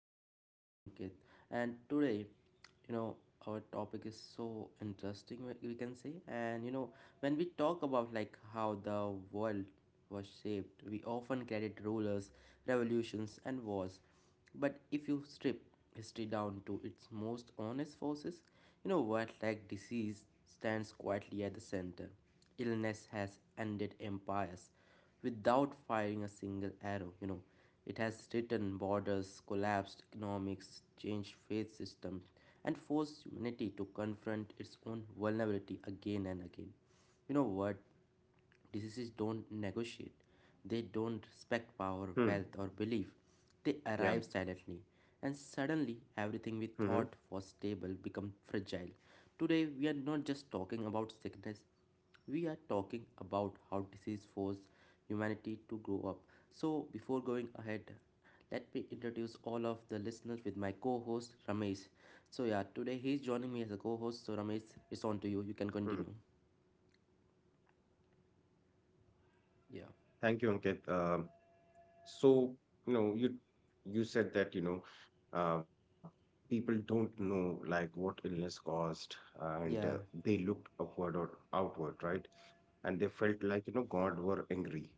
your host Ankit, and today, you know, our topic is so interesting, we can say. And when we talk about like how the world was shaped, we often credit rulers, revolutions, and wars. But if you strip history down to its most honest forces, word like disease stands quietly at the center. Illness has ended empires without firing a single arrow. It has threatened borders, collapsed economics, changed faith systems, and forced humanity to confront its own vulnerability again and again. You know what? Diseases don't negotiate. They don't respect power, Hmm. wealth, or belief. They arrive Yeah. silently, and suddenly everything we thought hmm was stable becomes fragile. Today, we are not just talking about sickness, we are talking about how disease forced humanity to grow up. So, before going ahead, let me introduce all of the listeners with my co-host Ramesh. So, yeah, today he's joining me as a co-host. So, Ramesh, it's on to you. You can hmm continue. Yeah, Thank you, Ankit. So, you know, you you said that, uh, people don't know like what illness caused, and yeah, they looked upward or outward, right? And they felt like, you know, God were angry.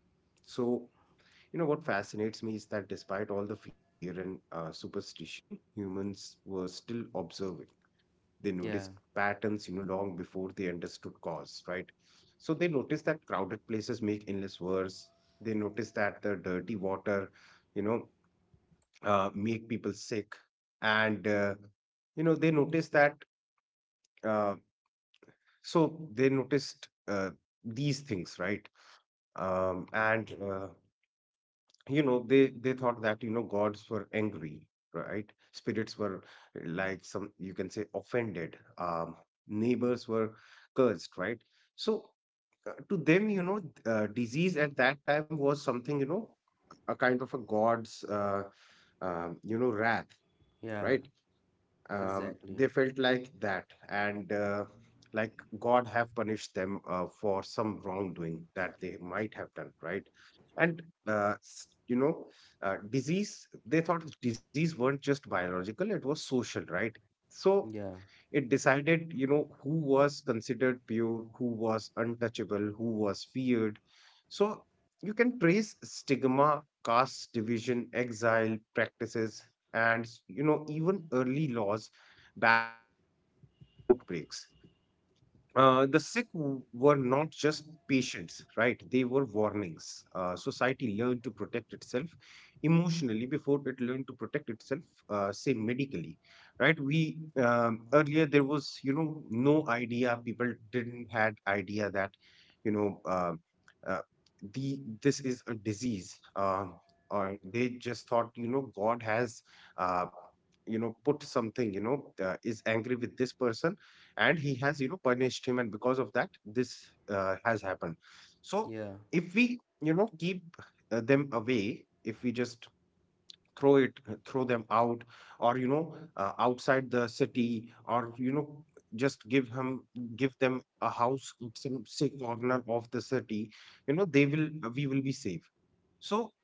So, you know, what fascinates me is that despite all the fear and superstition, humans were still observing. They noticed yeah, patterns, you know, long before they understood cause, right? So they noticed that crowded places make illness worse. They noticed that the dirty water, you know, make people sick, and you know they noticed that. Uh, so they noticed these things, right? And you know they thought that you know gods were angry, right. Spirits were, like, some you can say offended. Neighbors were cursed, right. So to them, disease at that time was something, you know, a kind of a god's you know wrath, yeah. right. Exactly. They felt like that. And like god have punished them for some wrongdoing that they might have done, right. And uh, s- you know disease, they thought disease weren't just biological, it was social, right. So Yeah, it decided, you know, who was considered pure, who was untouchable, who was feared. So you can trace stigma, caste division, exile practices, and, you know, even early laws back to outbreaks. The were not just patients, right? They were warnings. Society learned to protect itself emotionally before it learned to protect itself, say medically, right? We earlier there was, you know, no idea. People didn't had idea that you know uh, the this is a disease, or they just thought, you know, God has. Uh, you know, put something, is angry with this person and he has, you know, punished him, and because of that this has happened. So yeah. if we, you know, keep them away, if we just throw it throw them out, or, outside the city, or, you know, just give him give them a house in some safe corner of the city, you know they will, we will be safe. So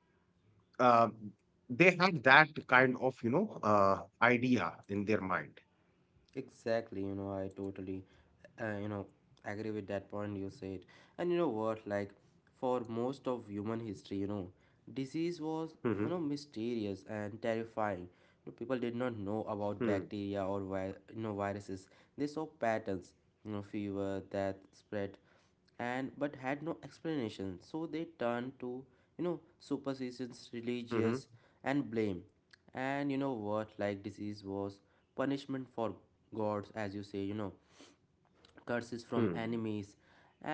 uh, they had that kind of, idea in their mind. Exactly, I totally, uh, you know, agree with that point you said. And you know what, like, for most of human history, disease was, hmm mysterious and terrifying. People did not know about hmm bacteria or, viruses. They saw patterns, fever, death, spread, and but had no explanation, so they turned to superstitions, religious, hmm and blame. And you know what like disease was punishment for gods, as you say, curses from hmm enemies,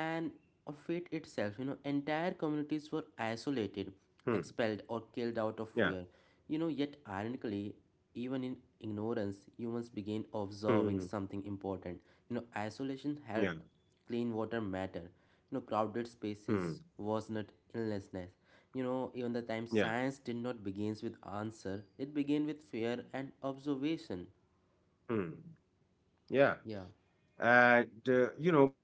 and of fate itself. Entire communities were isolated, Hmm. expelled, or killed out of Yeah. fear. Yet ironically, even in ignorance, humans began observing Hmm. something important. Isolation Yeah. helped, clean water mattered. Crowded spaces Hmm. was not illnessness. Even the time Yeah. science did not begins with answer, it began with fear and observation. Hmm. Yeah. Yeah, And you know,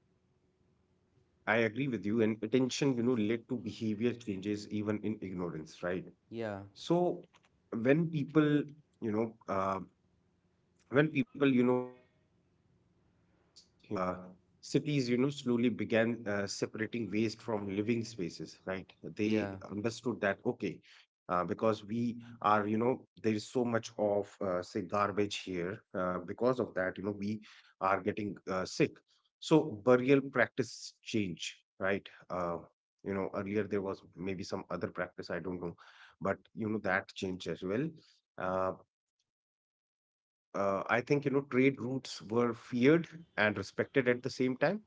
I agree with you. And attention, you know, led to behavior changes even in ignorance, right? So yeah, when people, you know, uh, when people, you know, were like this, cities, you know, slowly began separating waste from living spaces, right. They understood that, yeah, okay, because we are, you know, there is so much of, say, garbage here, because of that, you know, we are getting sick. So burial practice change, right. You know, earlier there was maybe some other practice, I don't know, but you know that changed as well. uh, I think, you know, trade routes were feared and respected at the same time.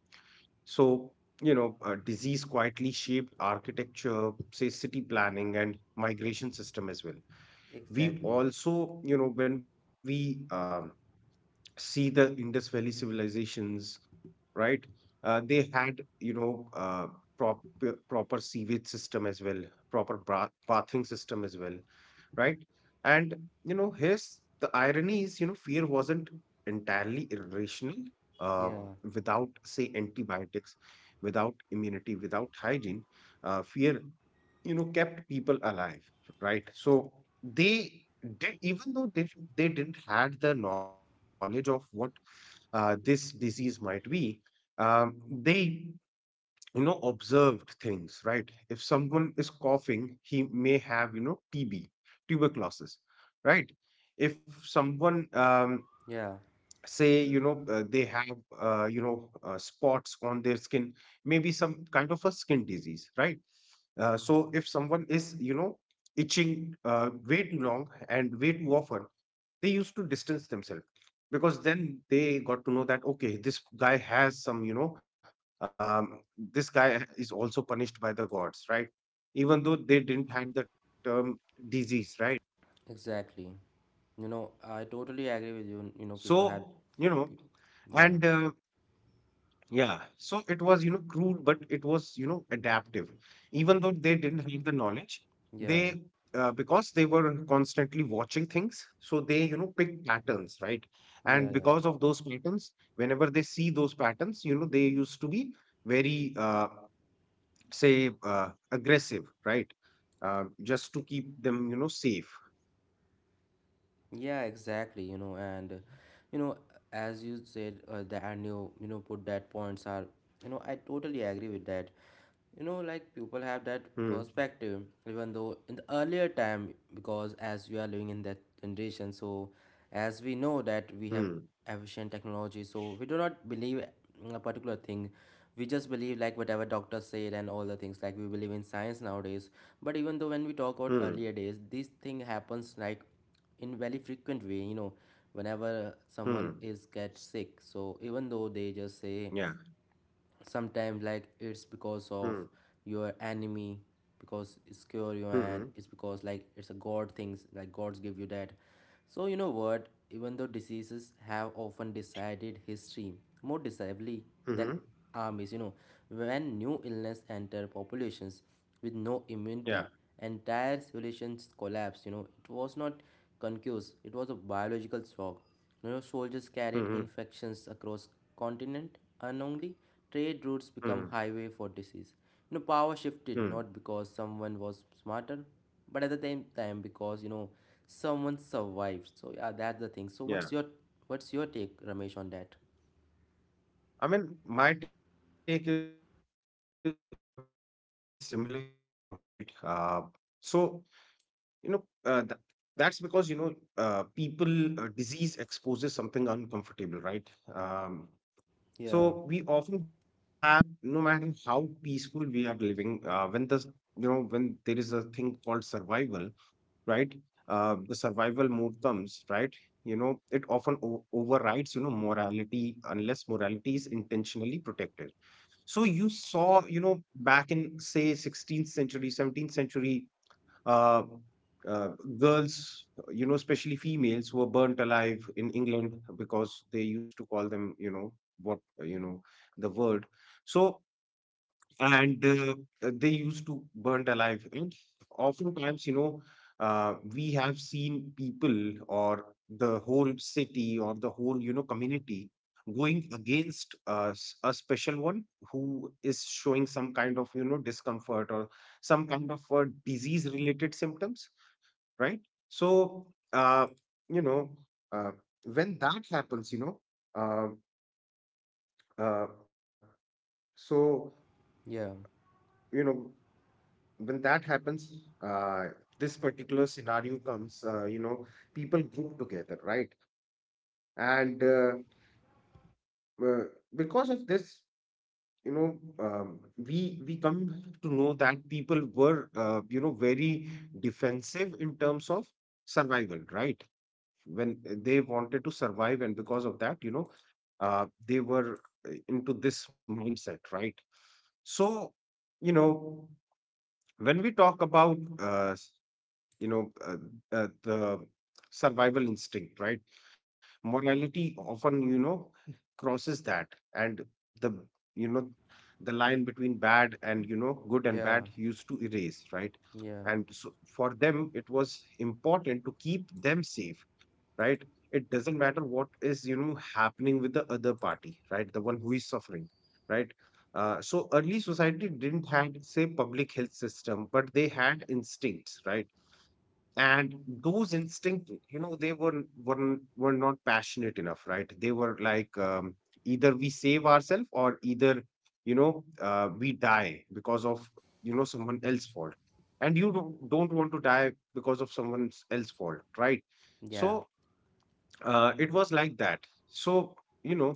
So, you know, disease quietly shaped architecture, say city planning and migration system as well. We exactly. also, you know, when we see the Indus Valley civilizations, right? They had, proper sewage system as well, proper bathing system as well, right? And, you know, here's the irony is, you know, fear wasn't entirely irrational. Um, Yeah, Without, say, antibiotics, without immunity, without hygiene, fear, you know, kept people alive, right? So they did, even though they didn't had the knowledge of what this disease might be. They, you know, observed things, right. If someone is coughing, he may have, you know, tb, tuberculosis, right. If someone yeah, say, they have, spots on their skin, maybe some kind of a skin disease, right. So if someone is, you know, itching way too long and way too often, they used to distance themselves, because then they got to know that okay, this guy has some, um, this guy is also punished by the gods, right, even though they didn't have the term disease, right. exactly. I totally agree with you. People had, So, you know yeah, and yeah, so it was, you know, cruel, but it was, you know, adaptive. Even though they didn't have the knowledge, yeah, they, because they were constantly watching things, so they, you know, pick patterns, right? yeah, And yeah, because of those patterns, whenever they see those patterns, you know, they used to be very, aggressive, right? Just to keep them, you know, safe. yeah, exactly. And you know, as you said, that and you, put that points are, I totally agree with that. Like people have that Hmm, perspective even though in the earlier time, because as we are living in that generation, so as we know that we have hmm, efficient technology, so we do not believe in a particular thing. We just believe like whatever doctors said and all the things, like we believe in science nowadays. But even though when we talk about earlier days, hmm, this thing happens like in very frequent way. Whenever someone is get hmm. sick, so even though they just say Yeah. sometimes like it's because of your Hmm, enemy, because it's cure you, and it's because like hmm, it's a god things, like gods give you that. So, you know what, even though diseases have often decided history more decisively than armies. Hmm, hmm. When new illness enter populations with no immunity, entire Yeah. civilizations collapse. It was not concuse, it was a biological shock. Soldiers carried infections across Hmm, hmm, continent, and only trade routes become highway for disease. hmm, Power shifted not because someone was hmm. smarter, but at the same time because someone survived. So yeah, that's the thing. So what's your take, Yeah. Ramesh, on that? I mean, my take would be similar as you, right? So, you know, uh, th- that's because, people, disease exposes something uncomfortable, right? Yeah, So we often have, no matter how peaceful we are living, when when there is a thing called survival, right? The survival mode comes, right? You know, it often overrides, you know, morality unless morality is intentionally protected. So you saw, you know, back in say 16th century, 17th century, uh, uh, girls, you know, especially females, were burnt alive in England because they used to call them, you know, what you know, the word. So, and they used to burnt alive. And oftentimes, you know, we have seen people or the whole city or the whole, you know, community going against us, a special one who is showing some kind of, you know, discomfort or some kind of disease-related symptoms, right? So, uh, you know, uh, when that happens, uh, uh, so yeah, you know when that happens, uh, this particular scenario comes, you know, people group together, right? And uh, because of this, you know, we come to know that people were, you know, very defensive in terms of survival, right? When they wanted to survive, and because of that, you know, they were into this mindset, right? So, you know, when we talk about, you know, uh, the survival instinct, right? Morality often, you know, crosses that, and the, you know, the line between you know, good and yeah, bad used to erase, right? yeah, And so for them, it was important to keep them safe, right? It doesn't matter what is, you know, happening with the other party, right? The one who is suffering, right? So early society didn't have say public health system, but they had instincts, right? And those instinct, you know, they were not passionate enough, right. They were like, either we save ourselves or either, we die because of, you know, someone else's fault, and you don't want to die because of someone else's fault, right. yeah. So it was like that. So, you know,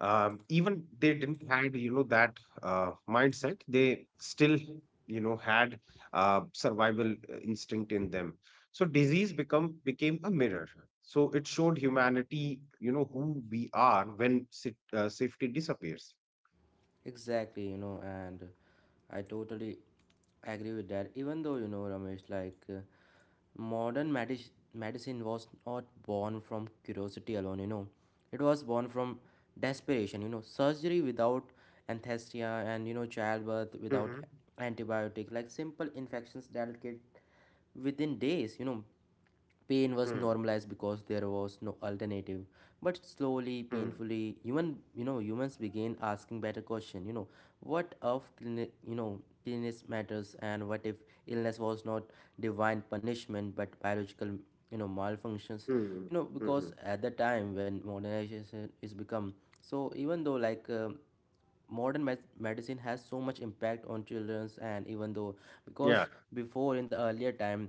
even they didn't had, you know, that mindset, they still, you know, had survival instinct in them. So disease become became a mirror. So it showed humanity, you know, who we are when safety disappears. Exactly, and I totally agree with that. Even though Ramesh, like modern medicine was not born from curiosity alone. It was born from desperation. Surgery without anesthesia, and childbirth without Mm-hmm. antibiotic, like simple infections that get within days. Pain was Mm-hmm. normalized because there was no alternative. But slowly, hmm painfully, humans began asking better question. What of cleanliness matters, and what if illness was not divine punishment but biological malfunctions. Hmm Because Hmm. at the time when modernization is become, so even though like modern medicine has so much impact on children's, and even though, because yeah before in the earlier time,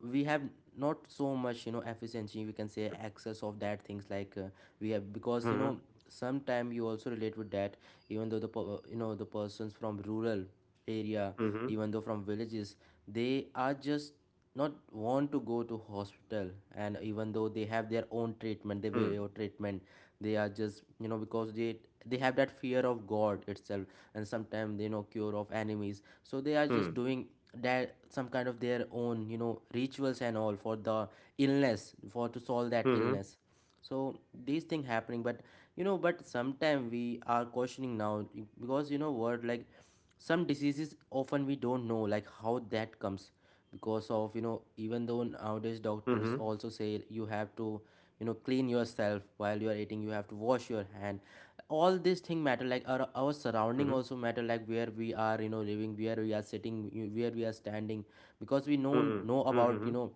we have not so much efficiency, we can say access of that things, like we have, because mm-hmm. sometime you also relate with that, even though the the persons from rural area, even Mm-hmm. though from villages, they are just not want to go to hospital, and even though they have their own treatment, their way of Mm-hmm. treatment. They are just because they have that fear of god itself. And sometimes cure of enemies, so they are just hmm doing that some kind of their own rituals and all for the illness, for to solve that illness. hmm So these thing happening, but but sometime we are questioning now. Because you know what, like some diseases often we don't know like how that comes. Because of hmm even though nowadays doctors also say you have to clean yourself while you are eating, you have to wash your hand. All these thing matter, hmm like our surrounding also matter, like where we are living, where we are sitting, where we are standing. hmm Because hmm we hmm know about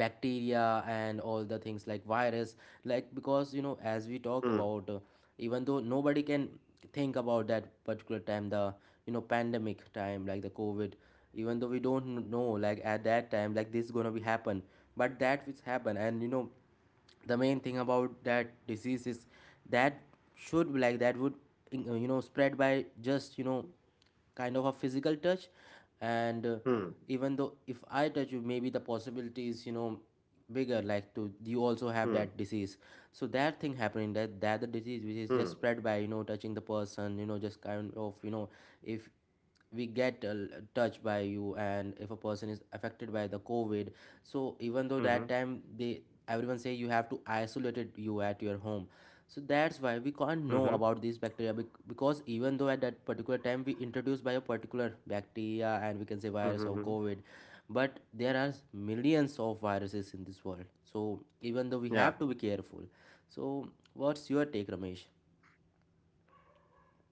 bacteria and all the things like virus. Like because hmm as we talk about even though nobody can think about that particular time, the pandemic time, like the covid. Even though we don't know like at that time like this is gonna be happen, but that which happen. And the main thing about that disease is that, should be like, that would spread by just kind of a physical touch. And hmm even though if I touch you, maybe the possibility is bigger like to you also have that disease. So that thing happening, that that the disease which is just Hmm. spread by touching the person, just kind of. If we get touched by you, and if a person is affected by the covid, so even though that Hmm. time they everyone say you have to isolate it you at your home. So that's why we Hmm. can't know about these bacteria. Because even though at that particular time we introduced by a particular bacteria, and we can say virus Mm-hmm. or COVID, but there are millions of viruses in this world. So even though we Yeah, have to be careful. So what's your take, Ramesh?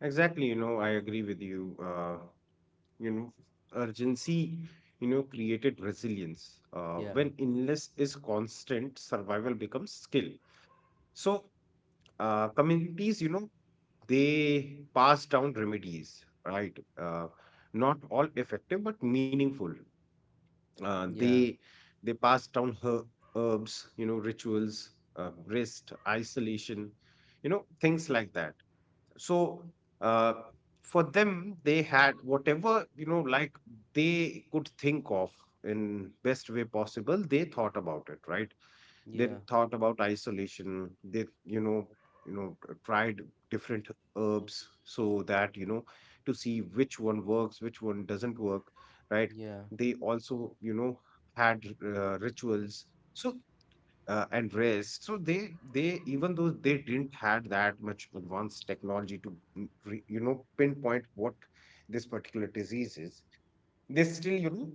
exactly. You know, I agree with you. You know, urgency, you know, created resilience. Yeah, When illness is constant, survival becomes skill. So, communities, you know, they pass down remedies, right? Not all effective, but meaningful. Uh, yeah, they they pass down herbs, you know, rituals, rest, isolation, you know, things like that. So uh, for them, they had whatever, you know, like they could think of in best way possible. They thought about it, right. They yeah, thought about isolation, they, tried different herbs, so that, you know, to see which one works, which one doesn't work, right. yeah. They also, you know, had rituals. So and rest. So they, even though they didn't had that much advanced technology to mm, re, you know pinpoint what this particular disease is, they still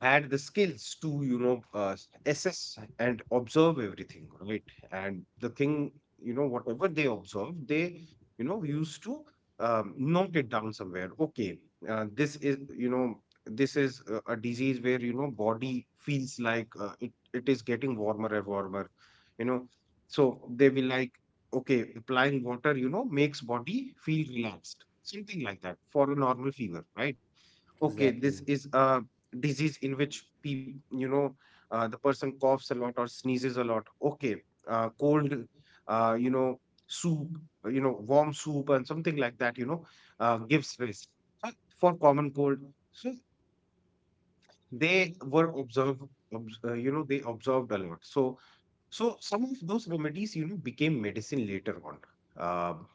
had the skills to assess and observe everything, right? And the thing, whatever they observed, they used to note it down somewhere. Okay. uh, this is you know this is a disease where body feels like it is getting warmer and warmer you know so they will like, okay, applying water, makes body feel relaxed, something like that, for a normal fever, right? Okay, Exactly, this is a disease in which people you know the person coughs a lot or sneezes a lot. Okay. Cold. You know soup you know Warm soup and something like that, gives risk. Uh, for common cold. So they were observed obs- you know they observed a lot. So so some of those remedies, became medicine later on. Um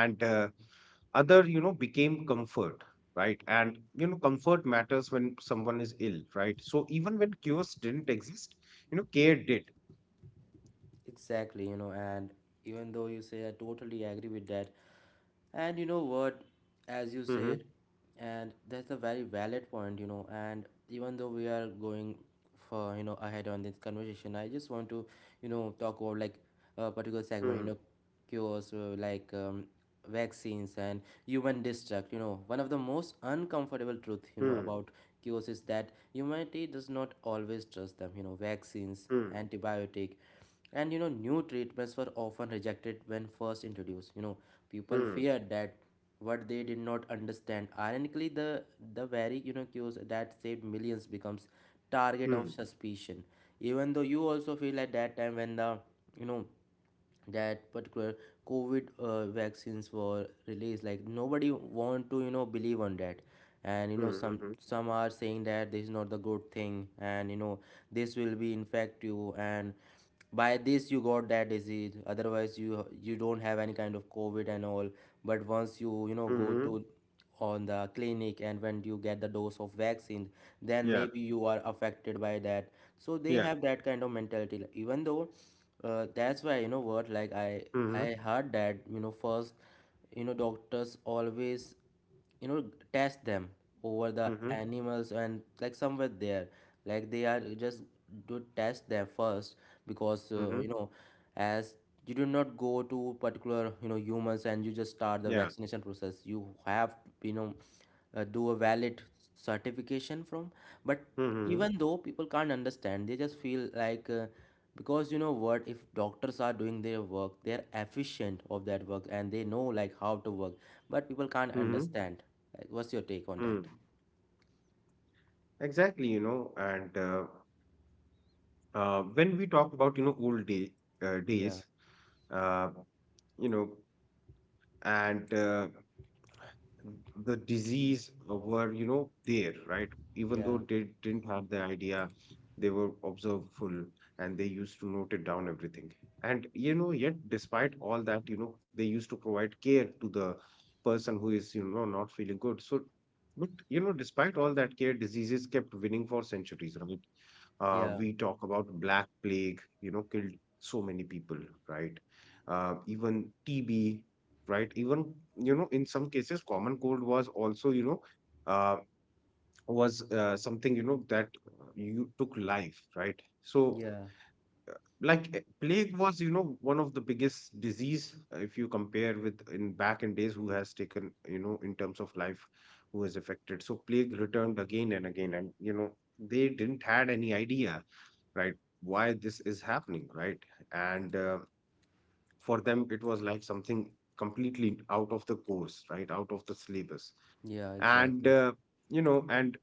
and other, became comfort, right? And comfort matters when someone is ill, right? So even when cures didn't exist, care did. exactly. And even though you say I totally agree with that. And you know what, as you said, Hmm. and that's a very valid point, and even though we are going for, ahead on this conversation, I just want to, talk about like a particular segment, Hmm. Cures, like vaccines and human destruct. One of the most uncomfortable truth, Hmm. about cures, is that humanity does not always trust them. Vaccines, Hmm. antibiotic and new treatments were often rejected when first introduced. People Hmm. feared that what they did not understand. Ironically, the very cures that saved millions becomes target of Hmm. suspicion. Even though you also feel at that time, when the you know that particular covid vaccines were released, like nobody want to believe on that. And some Hmm. some are saying that this is not the good thing. And this will be infect you, and by this you got that disease, otherwise you don't have any kind of covid and all. But once you you know go to Hmm. on the clinic, and when you get the dose of vaccine, then Yeah. maybe you are affected by that. So they have Yeah. that kind of mentality, even though that's why you know what, like I Hmm. heard that first doctors always you know test them over the Hmm. animals, and like somewhere there, like they are just to test them first. Because Hmm. as you do not go to particular humans and you just start the Yeah. vaccination process, you have you know do a valid certification from. But Hmm. even though people can't understand, they just feel like because what if doctors are doing their work, they're efficient of that work and they know like how to work. But people can't Hmm. understand, like what's your take on Hmm. that? Exactly, you know. And. When we talk about you know old day Yeah, days, uh, you know and the disease were, you know, there, right? Even though yeah, they didn't have the idea, they were observable, and they used to note it down everything. And, yet, despite all that, they used to provide care to the person who is, not feeling good. So, but, despite all that care, diseases kept winning for centuries, right? Yeah, We talk about black plague, killed so many people, right? Even TB, right? Even, you know, in some cases, common cold was also, you know, uh, was something, you know, that you took life, right? So, yeah, like, plague was, you know, one of the biggest disease, if you compare with in back in days, who has taken, you know, in terms of life, who was affected. So plague returned again and again, and, they didn't had any idea, right? Why this is happening, right? And, for them it was like something completely out of the course, right, out of the syllabus. yeah, And exactly. You know and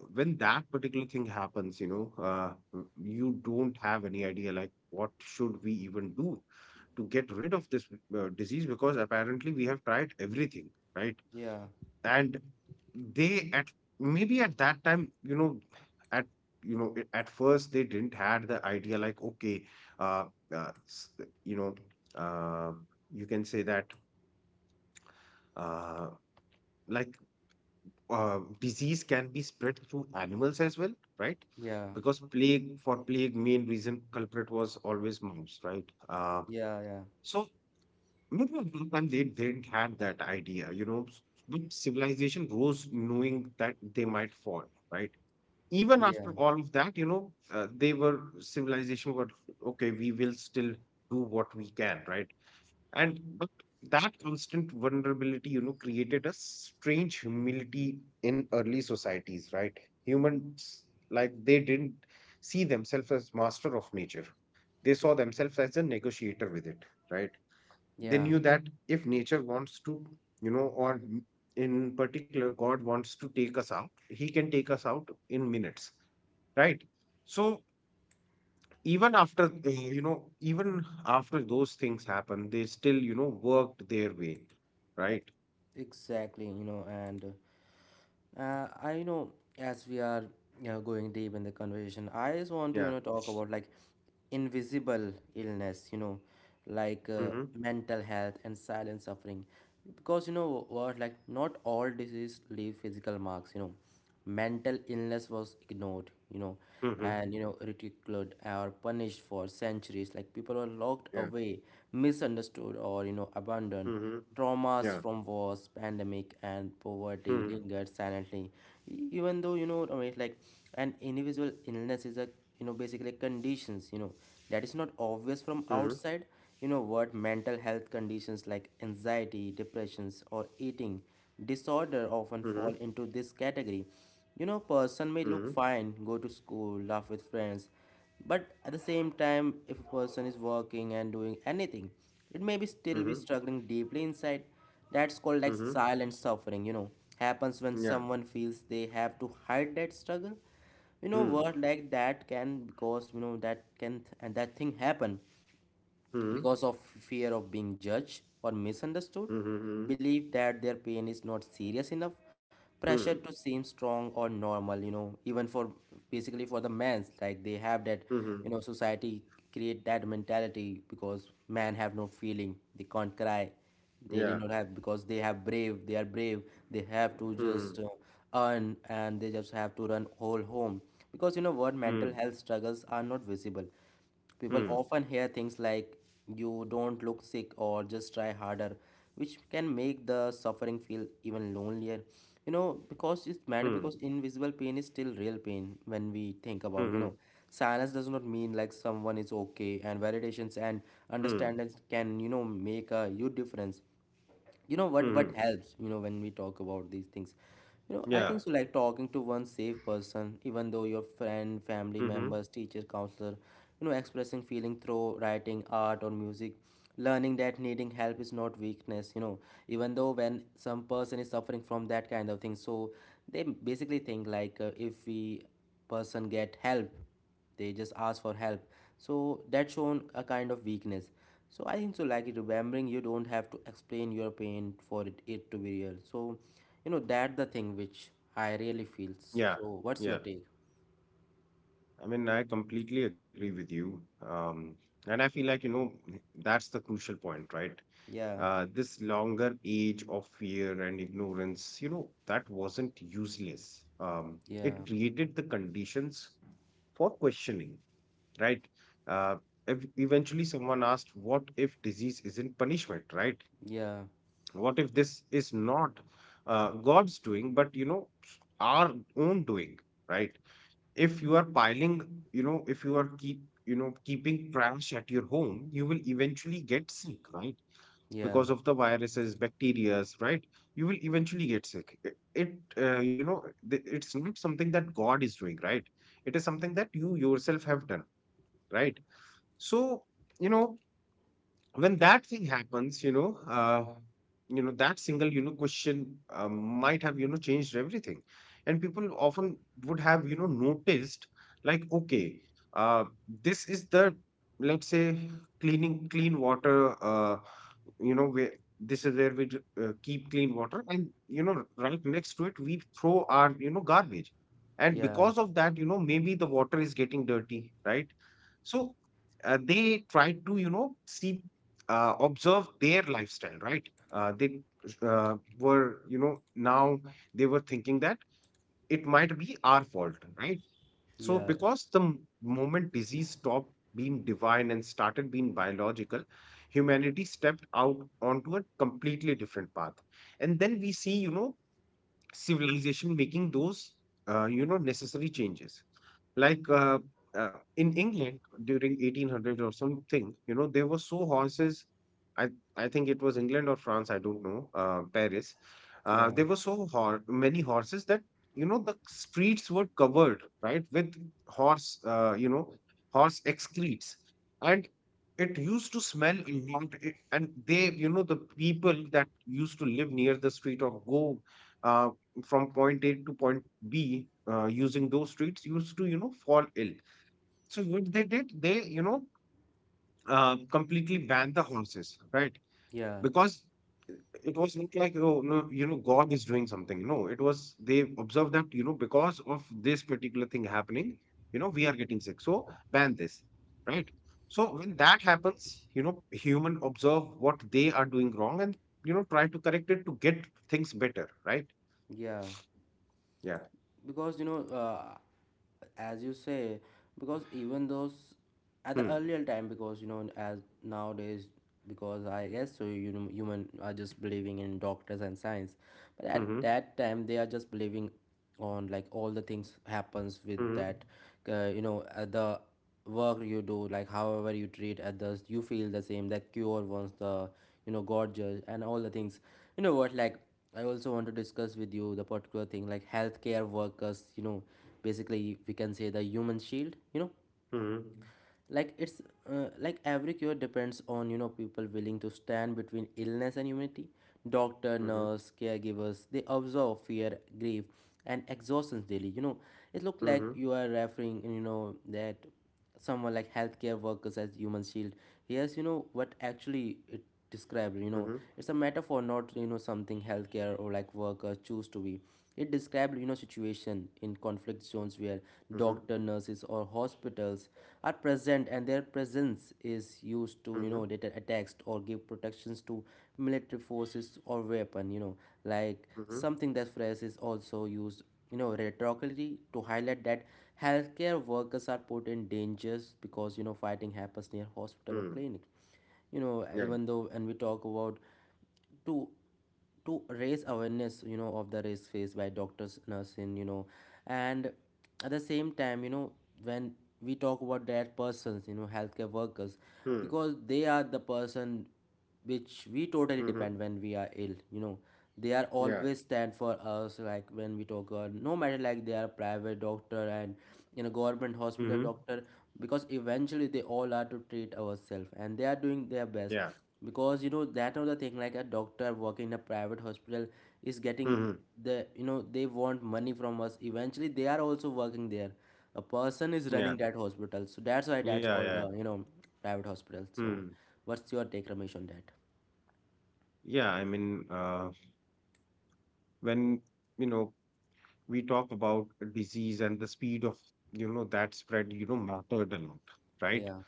when that particular thing happens, you know, you don't have any idea like, what should we even do to get rid of this disease, because apparently we have tried everything, right? Yeah, And they at maybe at that time, you know, at you know I- at first they didn't had the idea like, okay, uh, uh s- you know, uh, you can say that, uh, like, disease can be spread through animals as well, right? yeah, Because plague, main reason culprit was always mouse, right? Yeah, yeah, So maybe at one time they didn't have that idea, you know. But civilization rose knowing that they might fall, right? Even yeah, after all of that, you know, they were civilization got, okay, we will still do what we can, right? and but that constant vulnerability, created a strange humility in early societies, right? Humans, like, they didn't see themselves as master of nature. They saw themselves as a negotiator with it, right? They yeah, knew that if nature wants to, you know or m- in particular, God wants to take us out, he can take us out in minutes, right? So even after those things happen, they still, worked their way, right. exactly. And I as we are, going deep in the conversation, I just want to Yeah. Talk about like invisible illness, like Mm-hmm. mental health and silent suffering, because you know what, like not all disease leave physical marks, mental illness was ignored Mm-hmm. and ridiculed or punished for centuries, like people were locked Yeah. away, misunderstood or abandoned. Mm-hmm. Traumas Yeah. from wars, pandemic and poverty Mm-hmm. lingered silently. Even though, an individual illness is a basically conditions, that is not Mm-hmm. obvious from outside. You know what Mental health conditions like anxiety, depressions or eating disorder Mm-hmm. often fall into this category. You know, person Mm-hmm. may look fine, go to school, laugh with friends, but at the same time, if a person is working and doing anything, it may be still Mm-hmm. be struggling deeply inside. That's called like Mm-hmm. silent suffering, Happens when Yeah. someone feels they have to hide that struggle. You know, Mm-hmm. word like that can because that can and that thing happen Mm-hmm. because of fear of being judged or misunderstood, Mm-hmm. Mm-hmm. believe that their pain is not serious enough, pressure to Mm. seem strong or normal, even for basically for the men's, like they have that, Mm-hmm. Society create that mentality because men have no feeling, they can't cry, they did Yeah. not have because they have brave, they are brave, they have to Mm-hmm. just earn and they just have to run whole home because you know what mental health struggles are not visible. People Mm-hmm. often hear things like, you don't look sick or just try harder, which can make the suffering feel even lonelier. You know, because it's matter Mm-hmm. because invisible pain is still real pain when we think about, Mm-hmm. Silence does not mean like someone is okay, and validations and Mm-hmm. Mm. understandings can, make a huge difference. Mm-hmm. What helps, when we talk about these things, Yeah. I think so, like talking to one safe person, even though your friend, family Mm-hmm. members, teacher, counselor, expressing feeling through writing, art or music, learning that needing help is not weakness, even though when some person is suffering from that kind of thing, so they basically think like, if we person get help, they just ask for help, so that shown a kind of weakness. So I think so, like remembering you don't have to explain your pain for it to be real. So that the thing which I really feels. Yeah. So what's your Yeah. take? I mean, I completely agree with you. Um, and I feel like, you know, that's the crucial point, right? Yeah, This longer age of fear and ignorance, you know, that wasn't useless. Yeah, It created the conditions for questioning, right? Uh, Eventually, someone asked, what if disease isn't punishment, right? yeah, What if this is not God's doing, but, you know, our own doing, right? if you are piling, you know, If you are keeping trash at your home, you will eventually get sick, right? yeah, Because of the viruses, bacterias, right? You will eventually get sick. It you know, th- It's not something that God is doing, right? It is something that you yourself have done, right? So, you know, when that thing happens, you know that single, question, might have, changed everything, and people often would have, noticed like, okay, uh, this is the, let's say, clean water, uh, where this is where keep clean water, and, right next to it we throw our, garbage, and yeah, because of that, maybe the water is getting dirty, right? So they try to, see observe their lifestyle, right? They were you know now They were thinking that it might be our fault, right? So yeah, because moment disease stopped being divine and started being biological, humanity stepped out onto a completely different path, and then we see, civilization making those, necessary changes, like, in England during 1800 or something, you know, there were so horses. I I think it was England or France. I don't know. Paris. Yeah, There were many horses that, the streets were covered, right, with horse. Horse excretes, and it used to smell a lot. It, and they, you know, the people that used to live near the street or go uh, from point A to point B using those streets used to, you know, fall ill. So what they did, they, you know, completely banned the horses, right? yeah, Because it was not like, oh, no, you know, God is doing something. No, it was, they observed that, you know, because of this particular thing happening, you know, we are getting sick. So ban this, right? So when that happens, you know, human observe what they are doing wrong, and, you know, try to correct it to get things better, right? yeah, Yeah. because as you say, because even those at the Hmm. earlier time because as nowadays, because I guess so, human are just believing in doctors and science, but at Mm-hmm. that time they are just believing on like all the things happens with Mhm. that, the work you do, like however you treat others, you feel the same that cure wants the, god judge and all the things. You know what like I also want to discuss with you the particular thing like healthcare workers, basically we can say the human shield, Mhm. like it's like every cure depends on, people willing to stand between illness and humanity. Doctor, Mhm. nurse, caregivers, they observe fear, grief and exhaustion daily, it look like Mhm. you are referring, that someone like healthcare workers as human shield. Here's, what actually it described, Mhm. it's a metaphor, not something healthcare or like workers choose to be. It described, situation in conflict zones where Mhm. doctor, nurses or hospitals are present and their presence is used to, Mhm. deter attacks or give protections to military forces or weapon, like Mhm. something that phrase is also used, rhetorically to highlight that healthcare workers are put in dangers because, fighting happens near hospital or Mhm. clinic. Yeah. Even though and we talk about to to raise awareness, of the risk faced by doctors, nursing, and at the same time, when we talk about that persons, healthcare workers, Mhm. because they are the person which we totally Mhm. depend when we are ill, they are Yeah. always stand for us, like when we talk, no matter like they are private doctor and, government hospital Mhm. doctor, because eventually they all are to treat ourselves and they are doing their best, Yeah. because that or the thing like a doctor working in a private hospital is getting Mhm. the, they want money from us, eventually they are also working there. A person is Yeah. running that hospital, so that's why that's Yeah. called, Yeah. Private hospital. Hmm. So what's your take, Ramesh, on that? Yeah. I mean, when, you know, we talk about disease, and the speed of, you know, that spread, you know, mattered a lot, right? Yeah,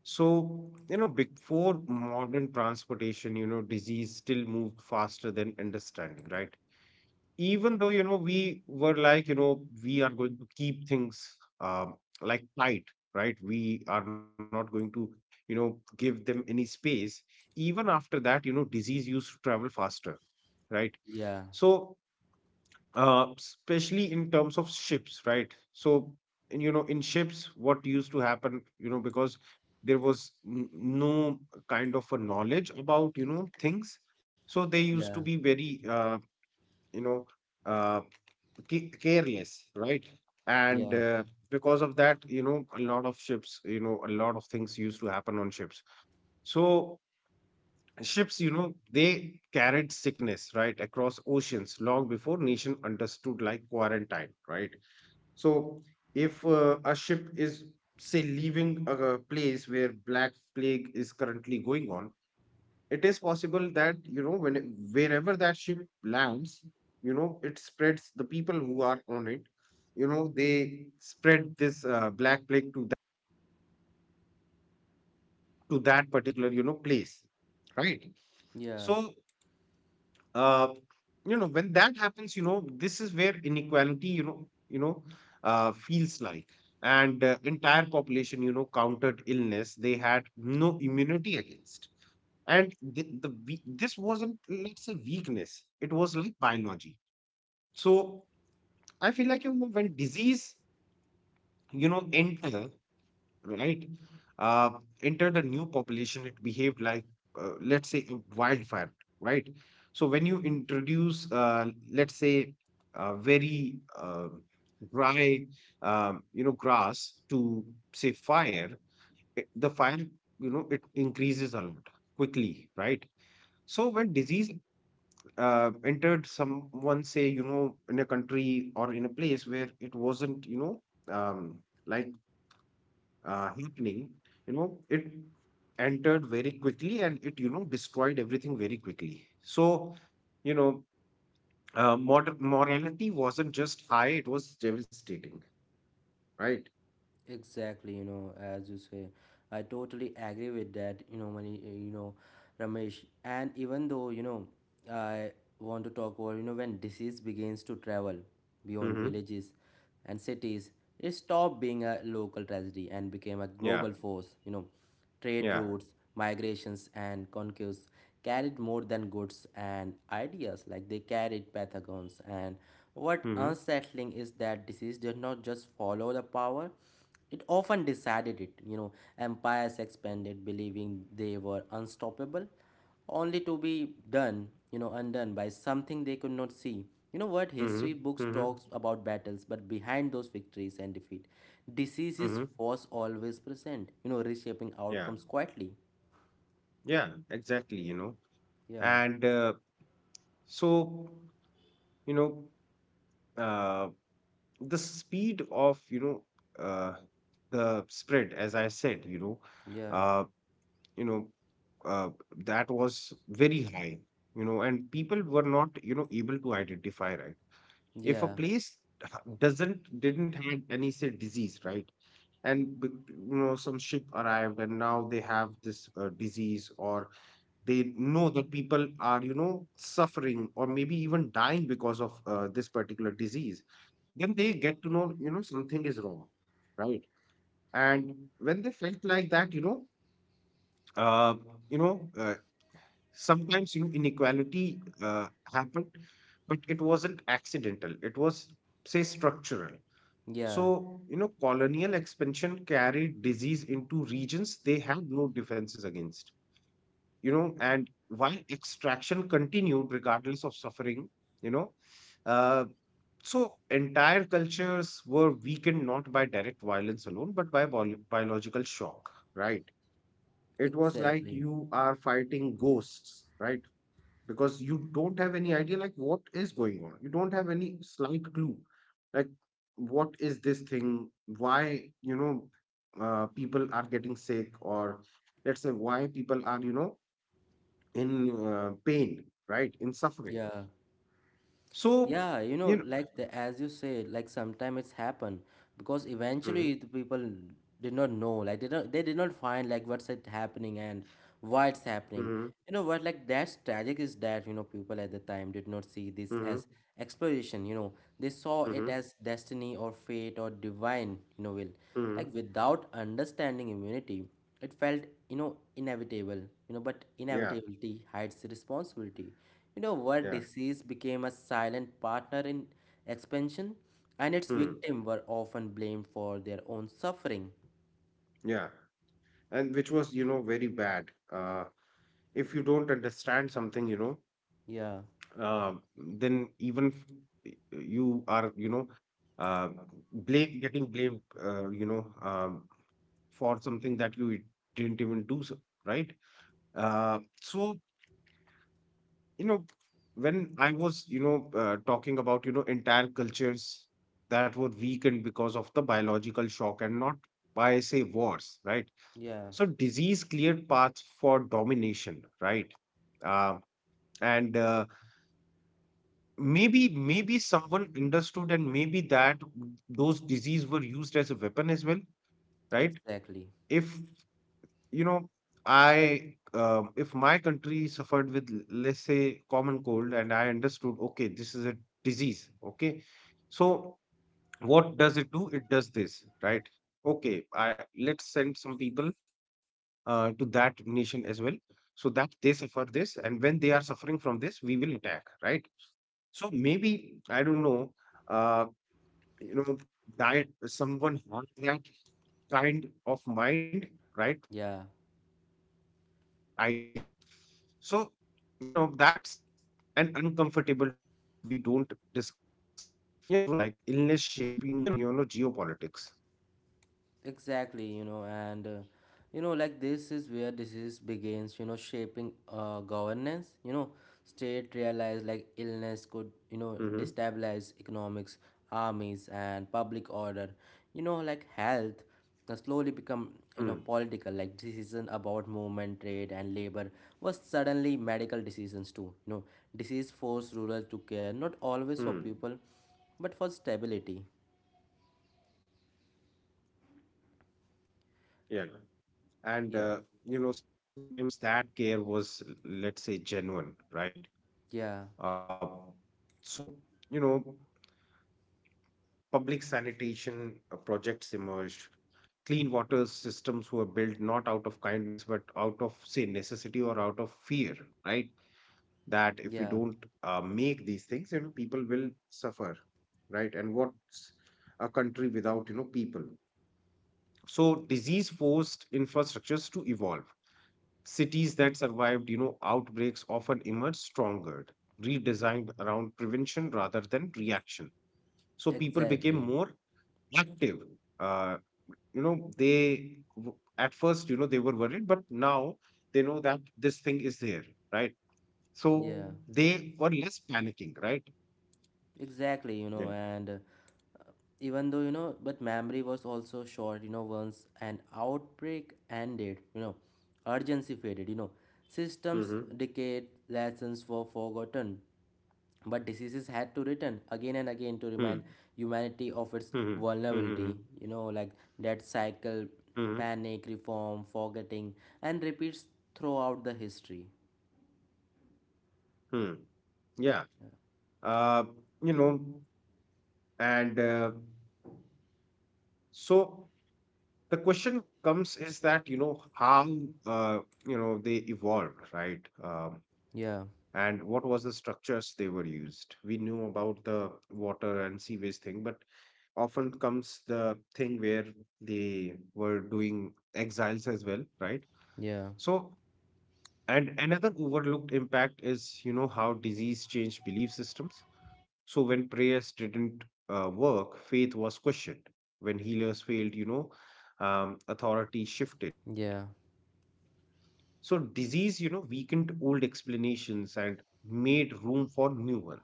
So, you know, before modern transportation, you know, disease still moved faster than understanding, right? Even though, you know, we were like, you know, we are going to keep things, like, tight, right? We are not going to, give them any space. Even after that, disease used to travel faster, right? yeah, So especially in terms of ships, right? So in, you know, in ships, what used to happen, you know, because there was no kind of a knowledge about, things. So they yeah, used to be very, you know uh, careless, right? yeah, And, because of that, you know, a lot of ships, you know, a lot of things used to happen on ships. So ships, you know, they carried sickness right across oceans long before nation understood, like, quarantine, right? So if a ship is, say, leaving a place where black plague is currently going on, it is possible that, you know, when wherever that ship lands, you know, it spreads the people who are on it. They spread this, black plague to to that particular, you know, place, right. yeah. So uh, you know, when that happens, you know, this is where inequality, you know, feels like, and, entire population, you know, countered illness they had no immunity against. And this wasn't, let's say, weakness, it was like biology. So I feel like, you know, when disease, you know, right uh enter the new population, it behaved like, let's say, a wildfire, right. So when you introduce, let's say, very, dry, you know, grass to, say, fire, the fire, you know, it increases a lot quickly, right. So when disease, entered someone, say, you know, in a country or in a place where it wasn't, you know, um, like happening, it entered very quickly, and it, you know, destroyed everything very quickly. So, you know moder morality wasn't just high, it was devastating, right. Exactly, you know, as you say, I totally agree with that, you know, Mani, eh, you know, Ramesh. And even though, you know, I want to talk about, you know, when disease begins to travel beyond Mm-hmm. villages and cities, it stopped being a local tragedy and became a Yeah. global force, you know. Trade Yeah. routes, migrations, and conquests carried more than goods and ideas, like they carried pathogens. And what Mm-hmm. unsettling is that disease did not just follow the power, it often decided it. You know, empires expanded believing they were unstoppable, only to be done, you know, undone by something they could not see. You know what? Mm-hmm. History books Mm-hmm. talks about battles, but behind those victories and defeat, diseases Mm-hmm. was always present, you know, reshaping yeah outcomes quietly. yeah exactly, you know Yeah, and so you know uh, the speed of uh, the spread, as I said, yeah, uh, you know uh, that was very high. You know, and people were not, you know, able to identify, right? If a yeah, place doesn't didn't have any, say, disease, right? And some ship arrived and now they have this disease, or they know that people are, you know, suffering or maybe even dying because of this particular disease, then they get to know, you know, something is wrong, right? And when they felt like that, uh you know uh, sometimes, you know, inequality uh, happened, but it wasn't accidental, it was, say, structural. yeah, So, you know, colonial expansion carried disease into regions they had no defenses against, you know, and while extraction continued regardless of suffering, you know uh, so entire cultures were weakened, not by direct violence alone, but by biological shock, right? It was like exactly. you are fighting ghosts, right? Because you don't have any idea like what is going on, you don't have any slight clue, like, what is this thing? Why, you know, people are getting sick? Or let's say why people are, you know, in pain, right? In suffering. Yeah. So, Yeah, you you know, know, like as you say, like sometimes it's happen because Mhm, eventually the people did not know, like they did not find like what's it happening and why it's happening. mhm, You know what, like that's tragic is that, you know, people at the time did not see this mhm, as exploration. You know, they saw it mhm, as destiny or fate or divine. You know, will like mhm. without understanding immunity it felt, you know, inevitable. You know, but yeah, inevitability hides responsibility, you know, where yeah, disease became a silent partner in expansion, and its mm, victims were often blamed for their own suffering. yeah. And which was, you know, very bad. If you don't understand something, you know, Yeah, then even you are, you know, uh, blame, getting blamed, for something that you didn't even do, so, right? So, you know, when I was, talking about, you know, entire cultures that were weakened because of the biological shock and not by, say, wars, right? yeah, So disease cleared paths for domination, right? uh, and Maybe, maybe someone understood, and maybe that those disease were used as a weapon as well, right? exactly. If, you know, I, if my country suffered with let's say common cold, and I understood, okay, this is a disease, okay. So what does it do? It does this, right? Okay, I, let's send some people to that nation as well, so that they suffer this, and when they are suffering from this, we will attack, right? So maybe I don't know, uh, you know, that someone had that kind of mind, right? Yeah. That idea. So, you know, that's an uncomfortable truth we don't discuss enough, like illness shaping, you know, geopolitics. Exactly, you know, and you know, like this is where disease begins, you know, shaping governance. You know, state realized like illness could, Mm-hmm. you know, destabilize economics, armies, and public order. You know, like health has slowly become, Hmm. you know, political. Like decision about movement, trade, and labor was suddenly medical decisions too. You know, disease forced rural to care, not always for Hmm. people, but for stability. Yeah. And, Yeah, you know, sometimes that care was, let's say, genuine, right? yeah, Uh, so, you know, public sanitation projects emerged, clean water systems were built, not out of kindness, but out of, say, necessity, or out of fear, right? That if we yeah. don't, make these things, you know, people will suffer, right? And what's a country without, you know, people? So disease forced infrastructures to evolve. Cities that survived, you know, outbreaks often emerged stronger, redesigned around prevention rather than reaction. So people became Exactly. more active. uh, you know, they at first, you know, they were worried, but now they know that this thing is there, right? So Yeah. they were less panicking, right? Exactly, you yeah know, and even though, you know, but memory was also short, you know, once an outbreak ended, you know, urgency faded, you know, systems mm-hmm. decayed, lessons were forgotten, but diseases had to return again and again to hmm remind humanity of its hmm vulnerability, hmm you know, like that cycle, hmm panic, reform, forgetting, and repeats throughout the history. hmm yeah uh you know and so the question comes, is that, you know, how, uh, you know, they evolved, right? Yeah, And what was the structures they were used? We knew about the water and sewage thing, but often comes the thing where they were doing exiles as well, right? yeah, So, and another overlooked impact is, you know, how disease changed belief systems. So, when prayers didn't work, faith was questioned. When healers failed, you know, authority shifted. yeah. So, disease, you know, weakened old explanations and made room for new ones.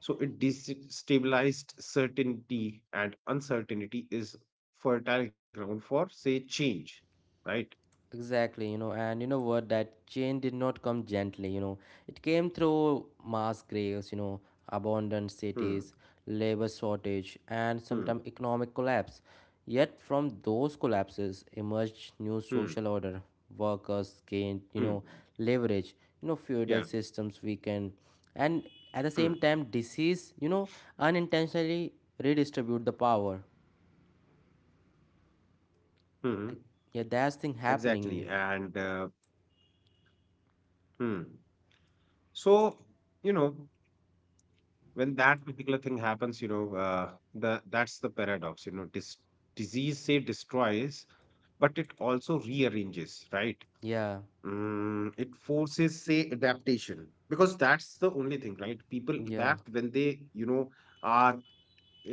So it destabilized certainty, and uncertainty is fertile ground for, say, change, right? Exactly, you know, and you know what? That change did not come gently, you know. It came through mass graves, you know, abandoned Hmm, cities, labor shortage, and hmm, sometimes economic collapse. Yet, from those collapses emerged new hmm, social order. Workers gained, hmm. you know, leverage, you know, Yeah, feudal systems weakened, and at the hmm, same time, disease, you know, unintentionally redistribute the power. hmm. Like, yeah, that's thing Exactly. happening. And, hmm. So, you know, when that particular thing happens, you know, the that's the paradox, you know, disease, say, destroys, but it also rearranges, right? Yeah, Mm, it forces, say, adaptation, because that's the only thing, right? People yeah, adapt when they, you know, are,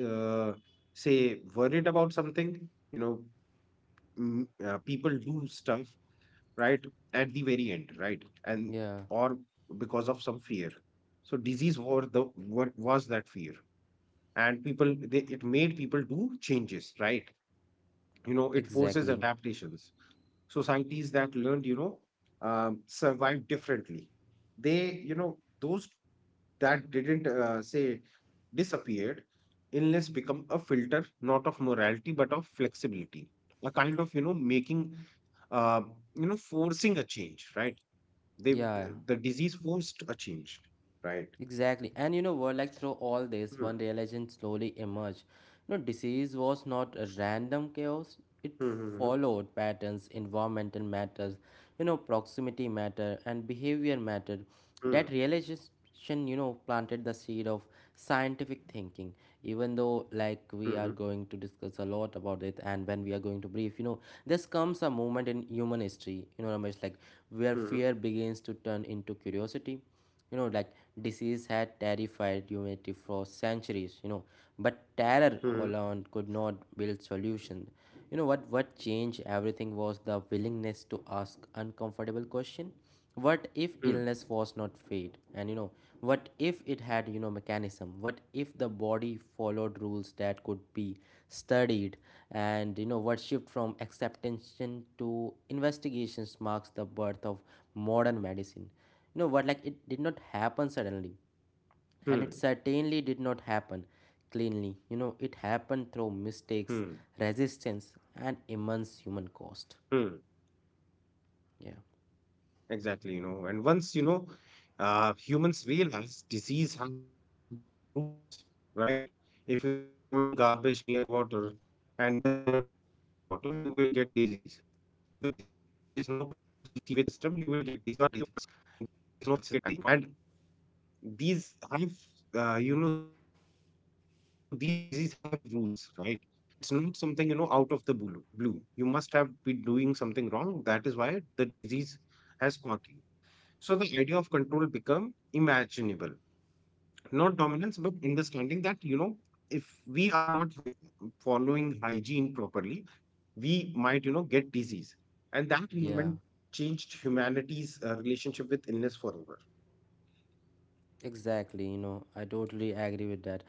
uh, say, worried about something. You know, mm, people do stuff, right, at the very end, right, and yeah. or because of some fear. So disease was the what was that fear, and people, they, it made people do changes, right? You know, it forces Exactly. adaptations. Societies that learned, you know, survive differently. They, you know, those that didn't, say disappeared. Illness become a filter, not of morality, but of flexibility, a kind of, you know, making, uh, you know, forcing a change, right? They Yeah. the disease forced a change, right? Exactly. And you know what, like through all this, one Hmm. realization slowly emerged. You know, disease was not a random chaos. It Hmm. followed patterns, environmental matters, you know, proximity matter and behavior matter. Hmm. That realization, you know, planted the seed of scientific thinking. Even though like we are Hmm. going to discuss a lot about it, and when we are going to brief, you know, this comes a moment in human history, you know, Ramesh, like where fear begins Hmm. to turn into curiosity. You know, like disease had terrified humanity for centuries, you know, but terror alone Hmm. could Hmm. not build solution. You know what changed everything was the willingness to ask uncomfortable question. What if illness was not Hmm. fate? And you know, what if it had, you know, mechanism? What if the body followed rules that could be studied? And you know what, shift from acceptance to investigations marks the birth of modern medicine. You know what, like it did not happen suddenly, Hmm. and it certainly did not happen cleanly. You know, it happened through Hmm. mistakes, resistance and immense human cost. Hmm. Yeah, Exactly, you know, and once, you know, humans realize disease have rules, right? If you are throwing garbage near water and then you are drinking that water, you will get disease. If there is no proper sewage system, you will get disease. If you there is no proper hygiene, you will get disease, right? And these have, you know, these disease have rules, right? It's not something, you know, out of the blue. Blue, you must have been doing something wrong. That is why the disease has caught you. So the idea of control become imaginable, not dominance, but understanding that, you know, if we are not following hygiene properly, we might, you know, get disease, and that yeah. movement changed humanity's relationship with illness forever. Exactly, you know, I totally agree with that.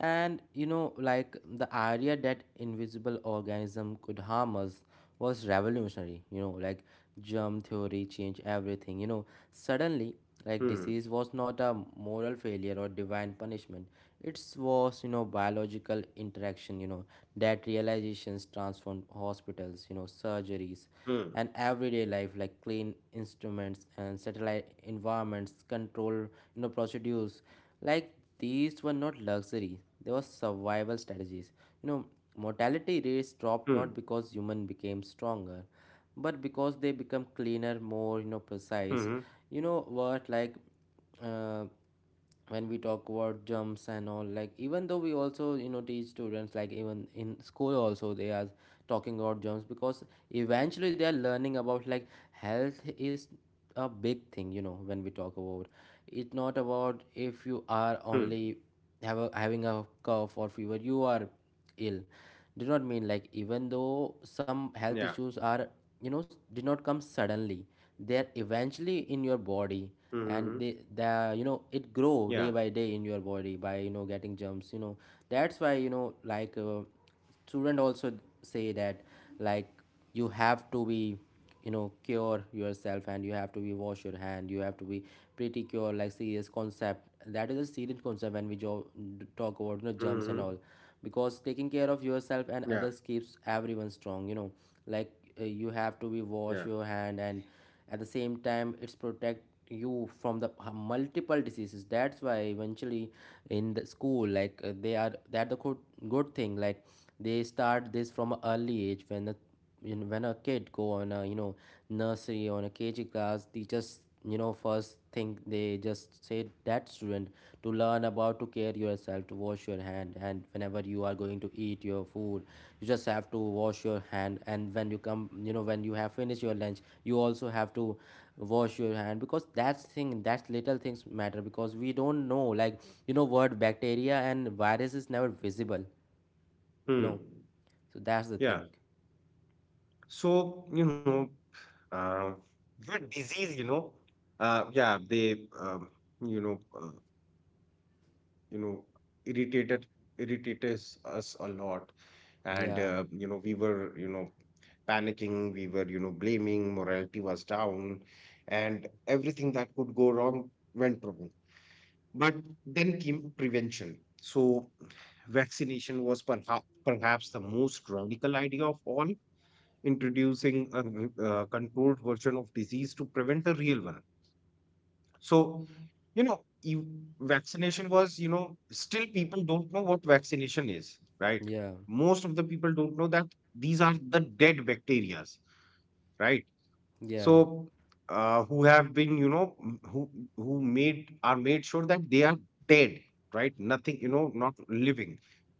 And you know, like the idea that invisible organism could harm us was revolutionary, you know, like germ theory changed everything, you know. Suddenly, Hmm. like disease was not a moral failure or divine punishment. It was, biological interaction, that realizations transformed hospitals, surgeries, Hmm. and everyday life, like clean instruments and satellite environments control procedures. Like, these were not luxury, they were survival strategies. you know Mortality rates Hmm. dropped not because human became stronger, but because they become cleaner, more Hmm. precise. You know what like uh, when we talk about jumps and all, like even though we also teach students, like even in school also they are talking about jumps, because eventually they are learning about like health is a big thing. When we talk about it, not about if you Hmm. are only having a cough or fever, you are ill. Do not mean like even though some Yeah. health issues are, did not come suddenly, they are eventually in your Hmm. body, Hmm. Hmm. and they the you know it Yeah. grow day by day in your body by getting germs. That's why, student also say that, like you have to be, cure yourself, and you have to be wash your hand, you have to be pretty cure like serious concept. That is a serious concept when we talk Hmm. about Hmm. Hmm. jumps and all, because taking care of yourself Yeah. and others keeps everyone strong. Like, you have to be Yeah. wash your hand, and at the same time it's protect you from the multiple diseases. That's why eventually in the school, like, they are that the good thing, like they start this from an early age, when the you know, when a kid go on a, nursery, on a kg class, teachers, first thing they just say that student to learn about to care yourself, to wash your hand, and whenever you are going to eat your food you just have to wash your hand, and when you have finished your lunch you also have to wash your hand, because that's thing, that's little things matter, because we don't know like, you know what bacteria and virus is never visible. you Hmm. know so that's the Yeah. thing. So, you know. Uh, Good disease, you know. Yeah, they, you know, uh, you know, irritated, irritates us a lot, and Yeah, you know, we were, you know, panicking. We were, you know, blaming. Morality was down, and everything that could go wrong went wrong. But then came prevention. So, vaccination was perhaps the most radical idea of all, introducing a controlled version of disease to prevent a real one. So, you know, you, vaccination was, you know, still, people don't know what vaccination is, right? yeah, Most of the people don't know that these are the dead bacterias, right? yeah, So, who have been, you know, m- who made, are made sure that they are dead, right? Nothing, you know, not living.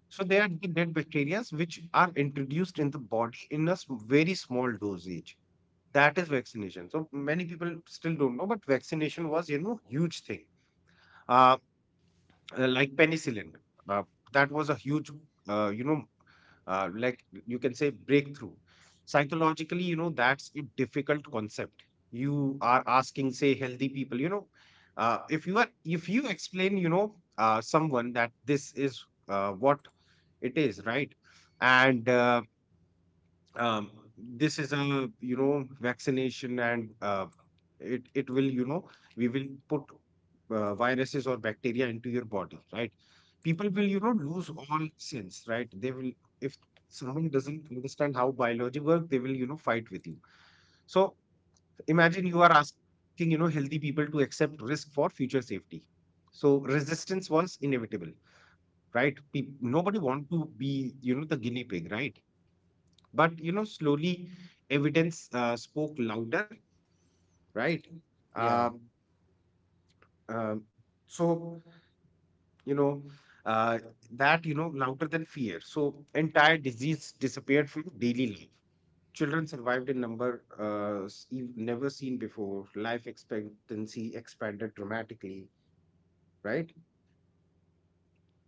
So they are the dead bacteria which are introduced in the body in a very small dosage. That is vaccination. So many people still don't know, but vaccination was, you know, huge thing. Uh, like penicillin, uh, that was a huge, uh, you know, like, you can say, breakthrough. Psychologically, you know, that's a difficult concept. You are asking, say, healthy people, you know, if you are, if you explain, you know, someone that this is what it is, right? And um, this is a, you know, vaccination, and it will, you know, we will put viruses or bacteria into your body, right? People will, you know, lose all sense, right? They will, if someone doesn't understand how biology work, they will, you know, fight with you. So imagine you are asking, you know, healthy people to accept risk for future safety. So resistance was inevitable, right? Peop, nobody want to be, you know, the guinea pig, right? But, you know, slowly evidence spoke louder, right? yeah. Um, um, so, you know uh, that, you know, louder than fear. So entire disease disappeared from daily life. Children survived in number never seen before. Life expectancy expanded dramatically, right?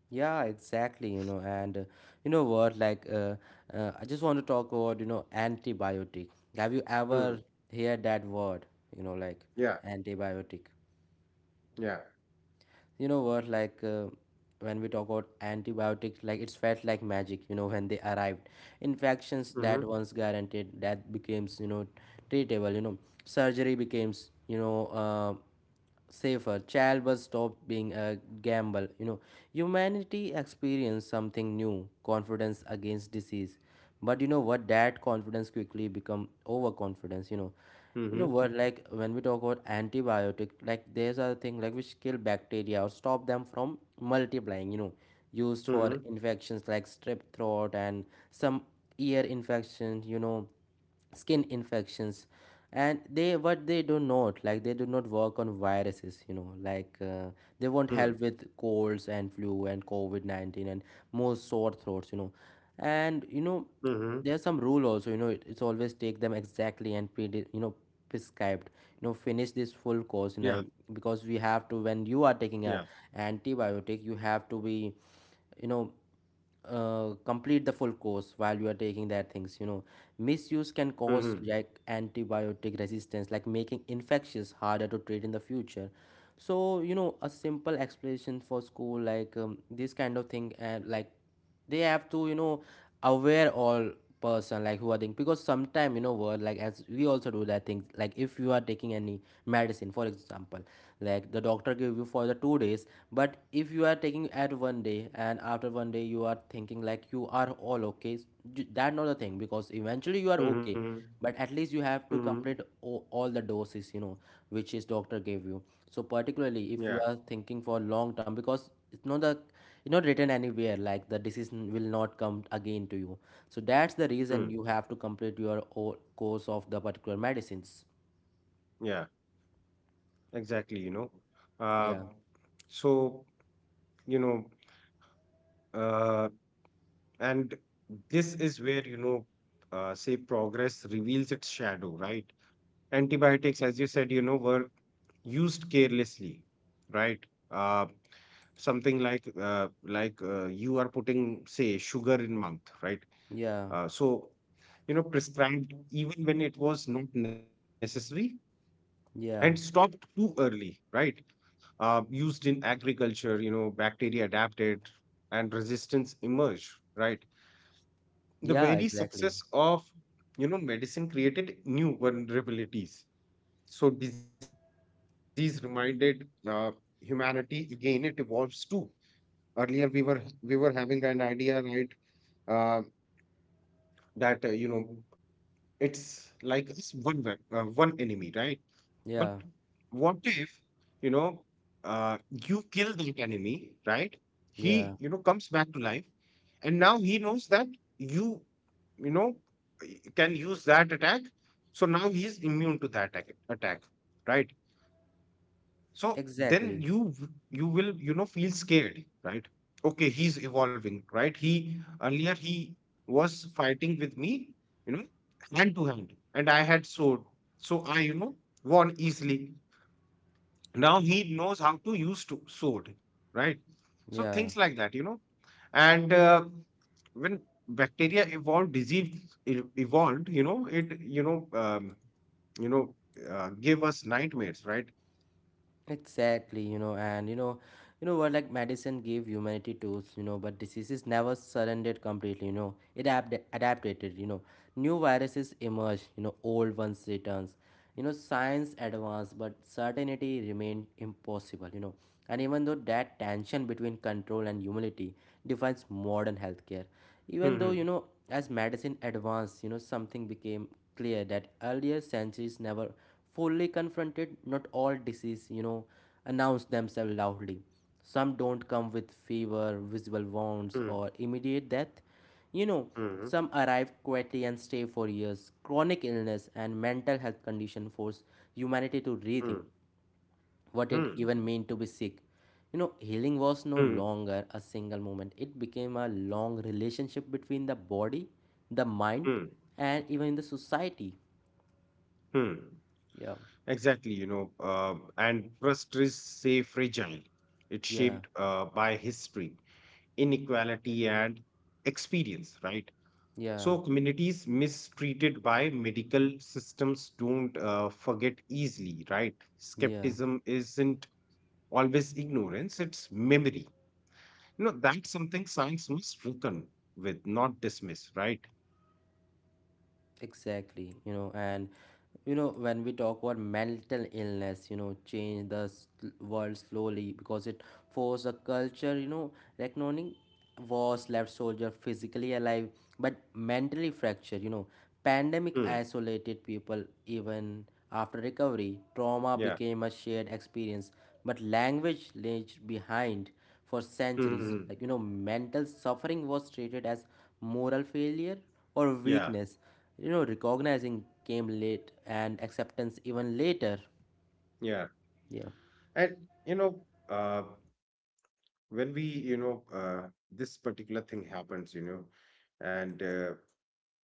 Yeah, exactly, and, you know what, like, uh, I just want to talk about, antibiotic. Have you ever Mm. heard that word, you know, like Yeah, antibiotic? yeah. You know what like When we talk about antibiotics, like it's felt like magic, when they arrived. Infections that Mm-hmm. once guaranteed that becomes, treatable. Surgery becomes, safer. Childbirth stopped being a gamble. Humanity experienced something new, confidence against disease. But you know what that confidence quickly become overconfidence. You know what Mm-hmm. like When we talk about antibiotic, like there's a thing like which kill bacteria or stop them from multiplying, used for Mm-hmm. infections like strep throat and some ear infections, skin infections. And they do not work on viruses, they Mm. won't help with colds and flu and covid-19 and most sore throats. You know and you know Mm-hmm. There's some rule also, it's always take them exactly, and pre, you know prescribed, finish Yeah. this full course in a, because we have to, Yeah. when you are taking a antibiotic you have to be, you know complete the full course while you are taking that things. Misuse can cause Mm-hmm. like antibiotic resistance, like making infections harder to treat in the future. So, a simple explanation for school like, this kind of thing, and like they have to, aware all person like who are thinking, because sometime, you know what like as we also do that thing, like if you are taking any medicine, for example, like the doctor give you for the 2 days, but if you are taking at one day and after one day you are thinking like you are all okay, that not the thing, because eventually you are okay, Mm-hmm. but at least you have to Mm-hmm. complete all the doses, which his doctor gave you, so particularly if you Yeah. are thinking for long term, because it's not written anywhere like the disease will not come again to you, so that's the reason Hmm. you have to complete your course of the particular medicines. Yeah, exactly, you know. Uh, Yeah, so, you know, uh, and this is where, you know, say, progress reveals its shadow, right? Antibiotics, as you said, you know, were used carelessly, right? Uh, Something like you are putting, say, sugar in mouth, right? yeah, So, you know, prescribed even when it was not necessary, and yeah, stopped too early, right? Used in agriculture, you know, bacteria adapted and resistance emerged, right? The yeah, very exactly. success of, you know, medicine created new vulnerabilities. So disease reminded humanity again, it evolves too. Earlier we were having an idea, right, uh, that, you know, it's like it's one enemy, right? But Yeah, what if, you know, uh, you kill that enemy, right? yeah, He, you know, comes back to life, and now he knows that you, you know, can use that attack. So now he is immune to that attack, right? So exactly. then you will, you know, feel scared, right? Okay, he's evolving, right? He, earlier, he was fighting with me, you know, hand to hand, and I had sword, so I, you know, won easily. Now he knows how to use to sword, right? So Yeah, things like that, you know. And when bacteria evolved, disease evolved, you know, it you know gave us nightmares, right? exactly. you know, and you know what, like, medicine gave humanity tools, but diseases never surrendered completely, it adapted, new viruses emerge, old ones returns, science advanced, but certainty remained impossible, and even though that tension between control and humility defines modern healthcare, even though, Hmm, as medicine advanced, something became clear that earlier centuries never fully confronted, not all disease, announce themselves loudly. Some don't come with fever, visible wounds, hmm, or immediate death. You know, hmm, some arrive quietly and stay for years. Chronic illness and mental health condition force humanity to rethink hmm, what it hmm, even meant to be sick. Healing was no hmm, longer a single moment. It became a long relationship between the body, the mind, hmm, and even in the society. hmm. Yeah, Exactly, you know, and trust is, say, fragile. It's yeah, shaped by history, inequality, and experience, right? yeah. So communities mistreated by medical systems don't forget easily, right? Yeah, Skepticism isn't always ignorance, it's memory. You know, that's something science must reckon with, not dismiss, right? exactly. When we talk about mental illness, change the world slowly because it forced a culture, reckoning was left soldier physically alive but mentally fractured. Pandemic Hmm. isolated people even after recovery. Trauma Yeah. became a shared experience, but language left behind. For centuries, Hmm. like, mental suffering was treated as moral failure or Yeah. weakness. Recognizing came late, and acceptance even later. Yeah. Yeah, And, you know, uh, when we, this particular thing happens, and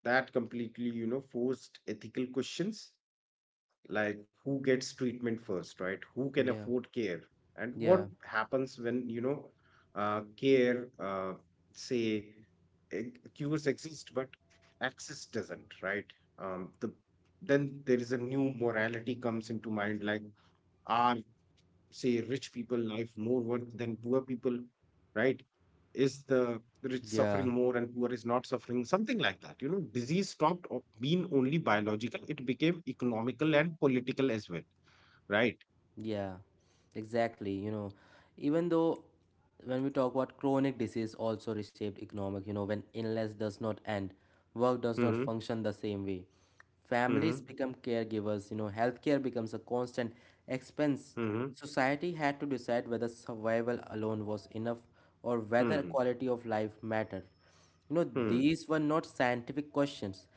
that completely, forced ethical questions like who gets treatment first, right? Who can yeah, afford care, and what yeah, happens when, care, say, cures exist but access doesn't, right? um, the then there is a new morality comes into mind, like are, say, rich people life more worth than poor people, right? Is the rich suffering yeah. more and poor is not suffering, something like that, you know? Disease stopped being only biological, it became economical and political as well, right? Yeah, exactly. Even though when we talk about chronic disease also reshaped economic, when illness does not end, work does not Mm-hmm. function the same way. Families Mm-hmm. become caregivers, healthcare becomes a constant expense. Mm-hmm. Society had to decide whether survival alone was enough or whether Mm-hmm. quality of life mattered. Mm-hmm. These were not scientific questions.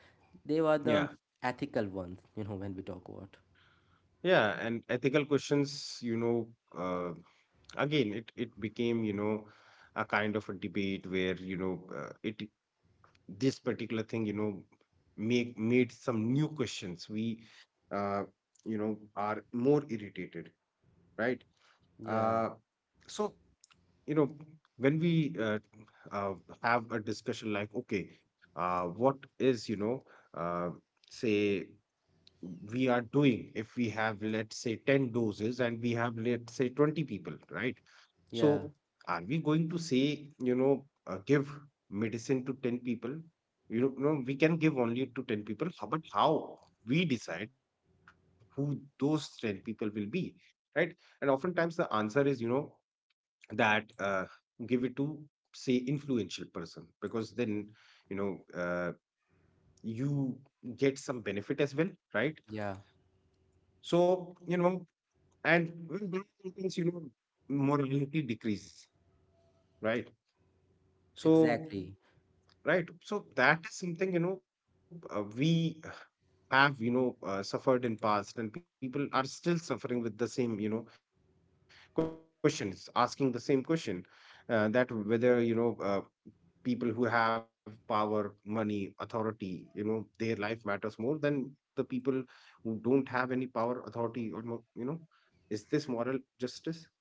They were Yeah. the ethical ones, when we talk about. Yeah, and ethical questions, you know, uh, again it became, you know, a kind of a debate where, you know it this particular thing, you know, make made some new questions we, uh, you know, are more irritated, right? Yeah, uh, so, you know, when we, uh, have a discussion like, okay, what is, uh, say, we are doing if we have, let's say, 10 doses and we have, let's say, 20 people, right? yeah, So, are we going to say, you know, give medicine to 10 people? You know, no, we can give only to 10 people, but how we decide who those 10 people will be, right? And oftentimes the answer is, you know, that give it to, say, influential person, because then, you know, you get some benefit as well, right? yeah. So, you know, and with that happens, you know, morality decreases, right? So Exactly, right. So that is something, you know, we have, you know, suffered in past and people are still suffering with the same, you know, questions, asking the same question, that whether, people who have power, money, authority, you know, their life matters more than the people who don't have any power, authority, or, you know, is this moral justice?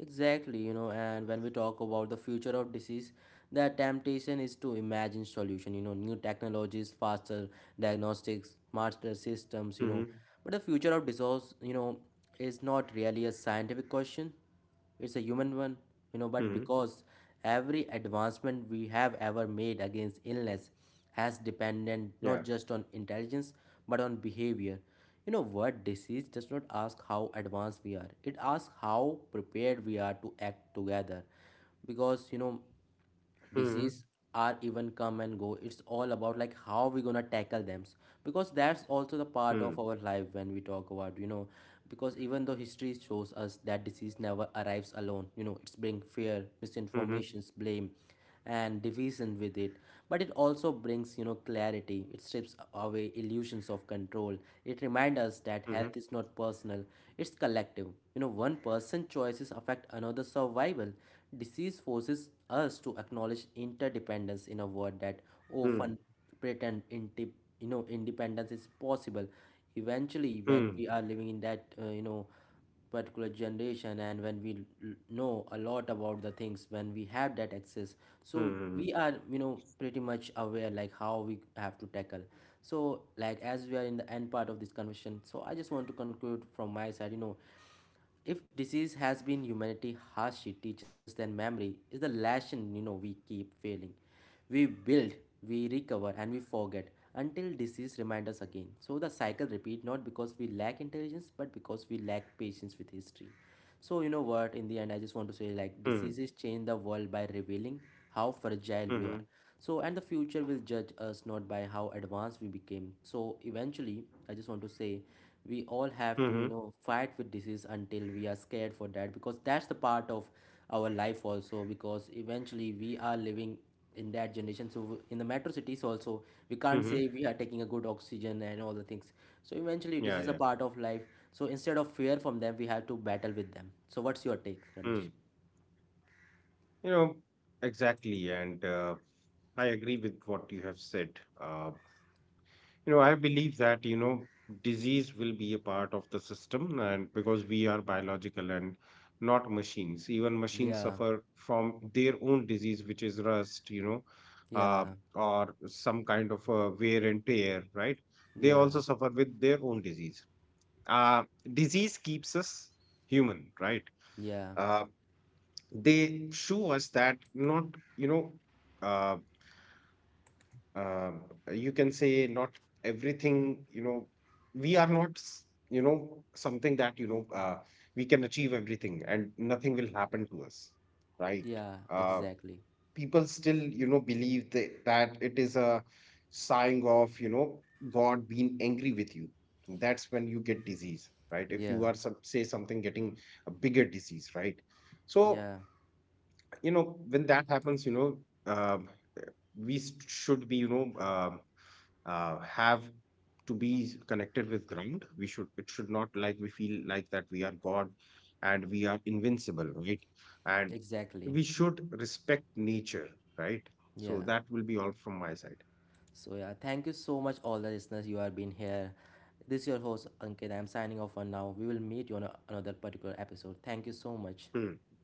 exactly, and when we talk about the future of disease, the temptation is to imagine solution, new technologies, faster diagnostics, smarter systems. But Hmm. the future of disease, is not really a scientific question. It's a human one, but because Hmm. every advancement we have ever made against illness has dependent not just on Yeah. intelligence but on behavior. You know what disease does not ask how advanced we are. It asks how prepared we are to act together. Because disease are Hmm. even come and go, it's all about like how we gonna tackle them, because that's also the part of our life when we Hmm. talk about. Because even though history shows us that disease never arrives alone, it's bring fear misinformations blame Hmm. and division with it, but it also brings, clarity. It strips away illusions of control. It reminds us that health is not Hmm. personal, it's collective. One person's choices affect another's survival. Disease forces us to acknowledge interdependence in a world that often Hmm. pretend inti independence is possible. Eventually, when we are living in that Hmm. Particular generation, and when we know a lot about the things, when we have that access, so we are, Hmm. pretty much aware like how we have to tackle. So like as we are in the end part of this conversation, so I just want to conclude from my side. If disease has been humanity harshly teaches, then memory is the lesson, we keep failing. We build, we recover, and we forget until disease reminds us again. So the cycle repeats, not because we lack intelligence but because we lack patience with history. So you know what in the end I just want to say like diseases change Hmm. the world by revealing how fragile we are, Mhm. so and the future will judge us not by how advanced we became. So eventually I just want to say we all have to, Mhm. fight with disease until we are scared for that, because that's the part of our life also, because eventually we are living in that generation, so in the metro cities also we can't say Mhm. we are taking a good oxygen and all the things. So eventually Yeah, this is yeah. a part of life, so instead of fear from them we have to battle with them. So what's your take, Ramesh? Mm. You know, exactly. And I agree with what you have said. You know, I believe that, you know, disease will be a part of the system, and because we are biological and not machines, even machines Yeah, suffer from their own disease, which is rust, you know, uh, yeah, or some kind of wear and tear, right? They yeah, also suffer with their own disease. Uh, Disease keeps us human, right? yeah. Uh, they show us that, not you know uh, uh, you can say, not everything, you know, we are not s- you know, something that, we can achieve everything and nothing will happen to us, right? Yeah, uh, exactly. People still, you know, believe that, that it is a sign of, you know, god being angry with you, that's when you get disease, right? If you Yeah, are some, say, something getting a bigger disease, right? So, yeah, you know, when that happens, you know, um we should be, you know, have to be connected with ground, we should, it should not like we feel like that we are god and we are invincible, right? And exactly. we should respect nature, right? So Yeah. that will be all from my side. So yeah, thank you so much, all the listeners. You have been here. This is your host Ankit. I'm signing off for now. We will meet you on another particular episode. Thank you so much. Hmm.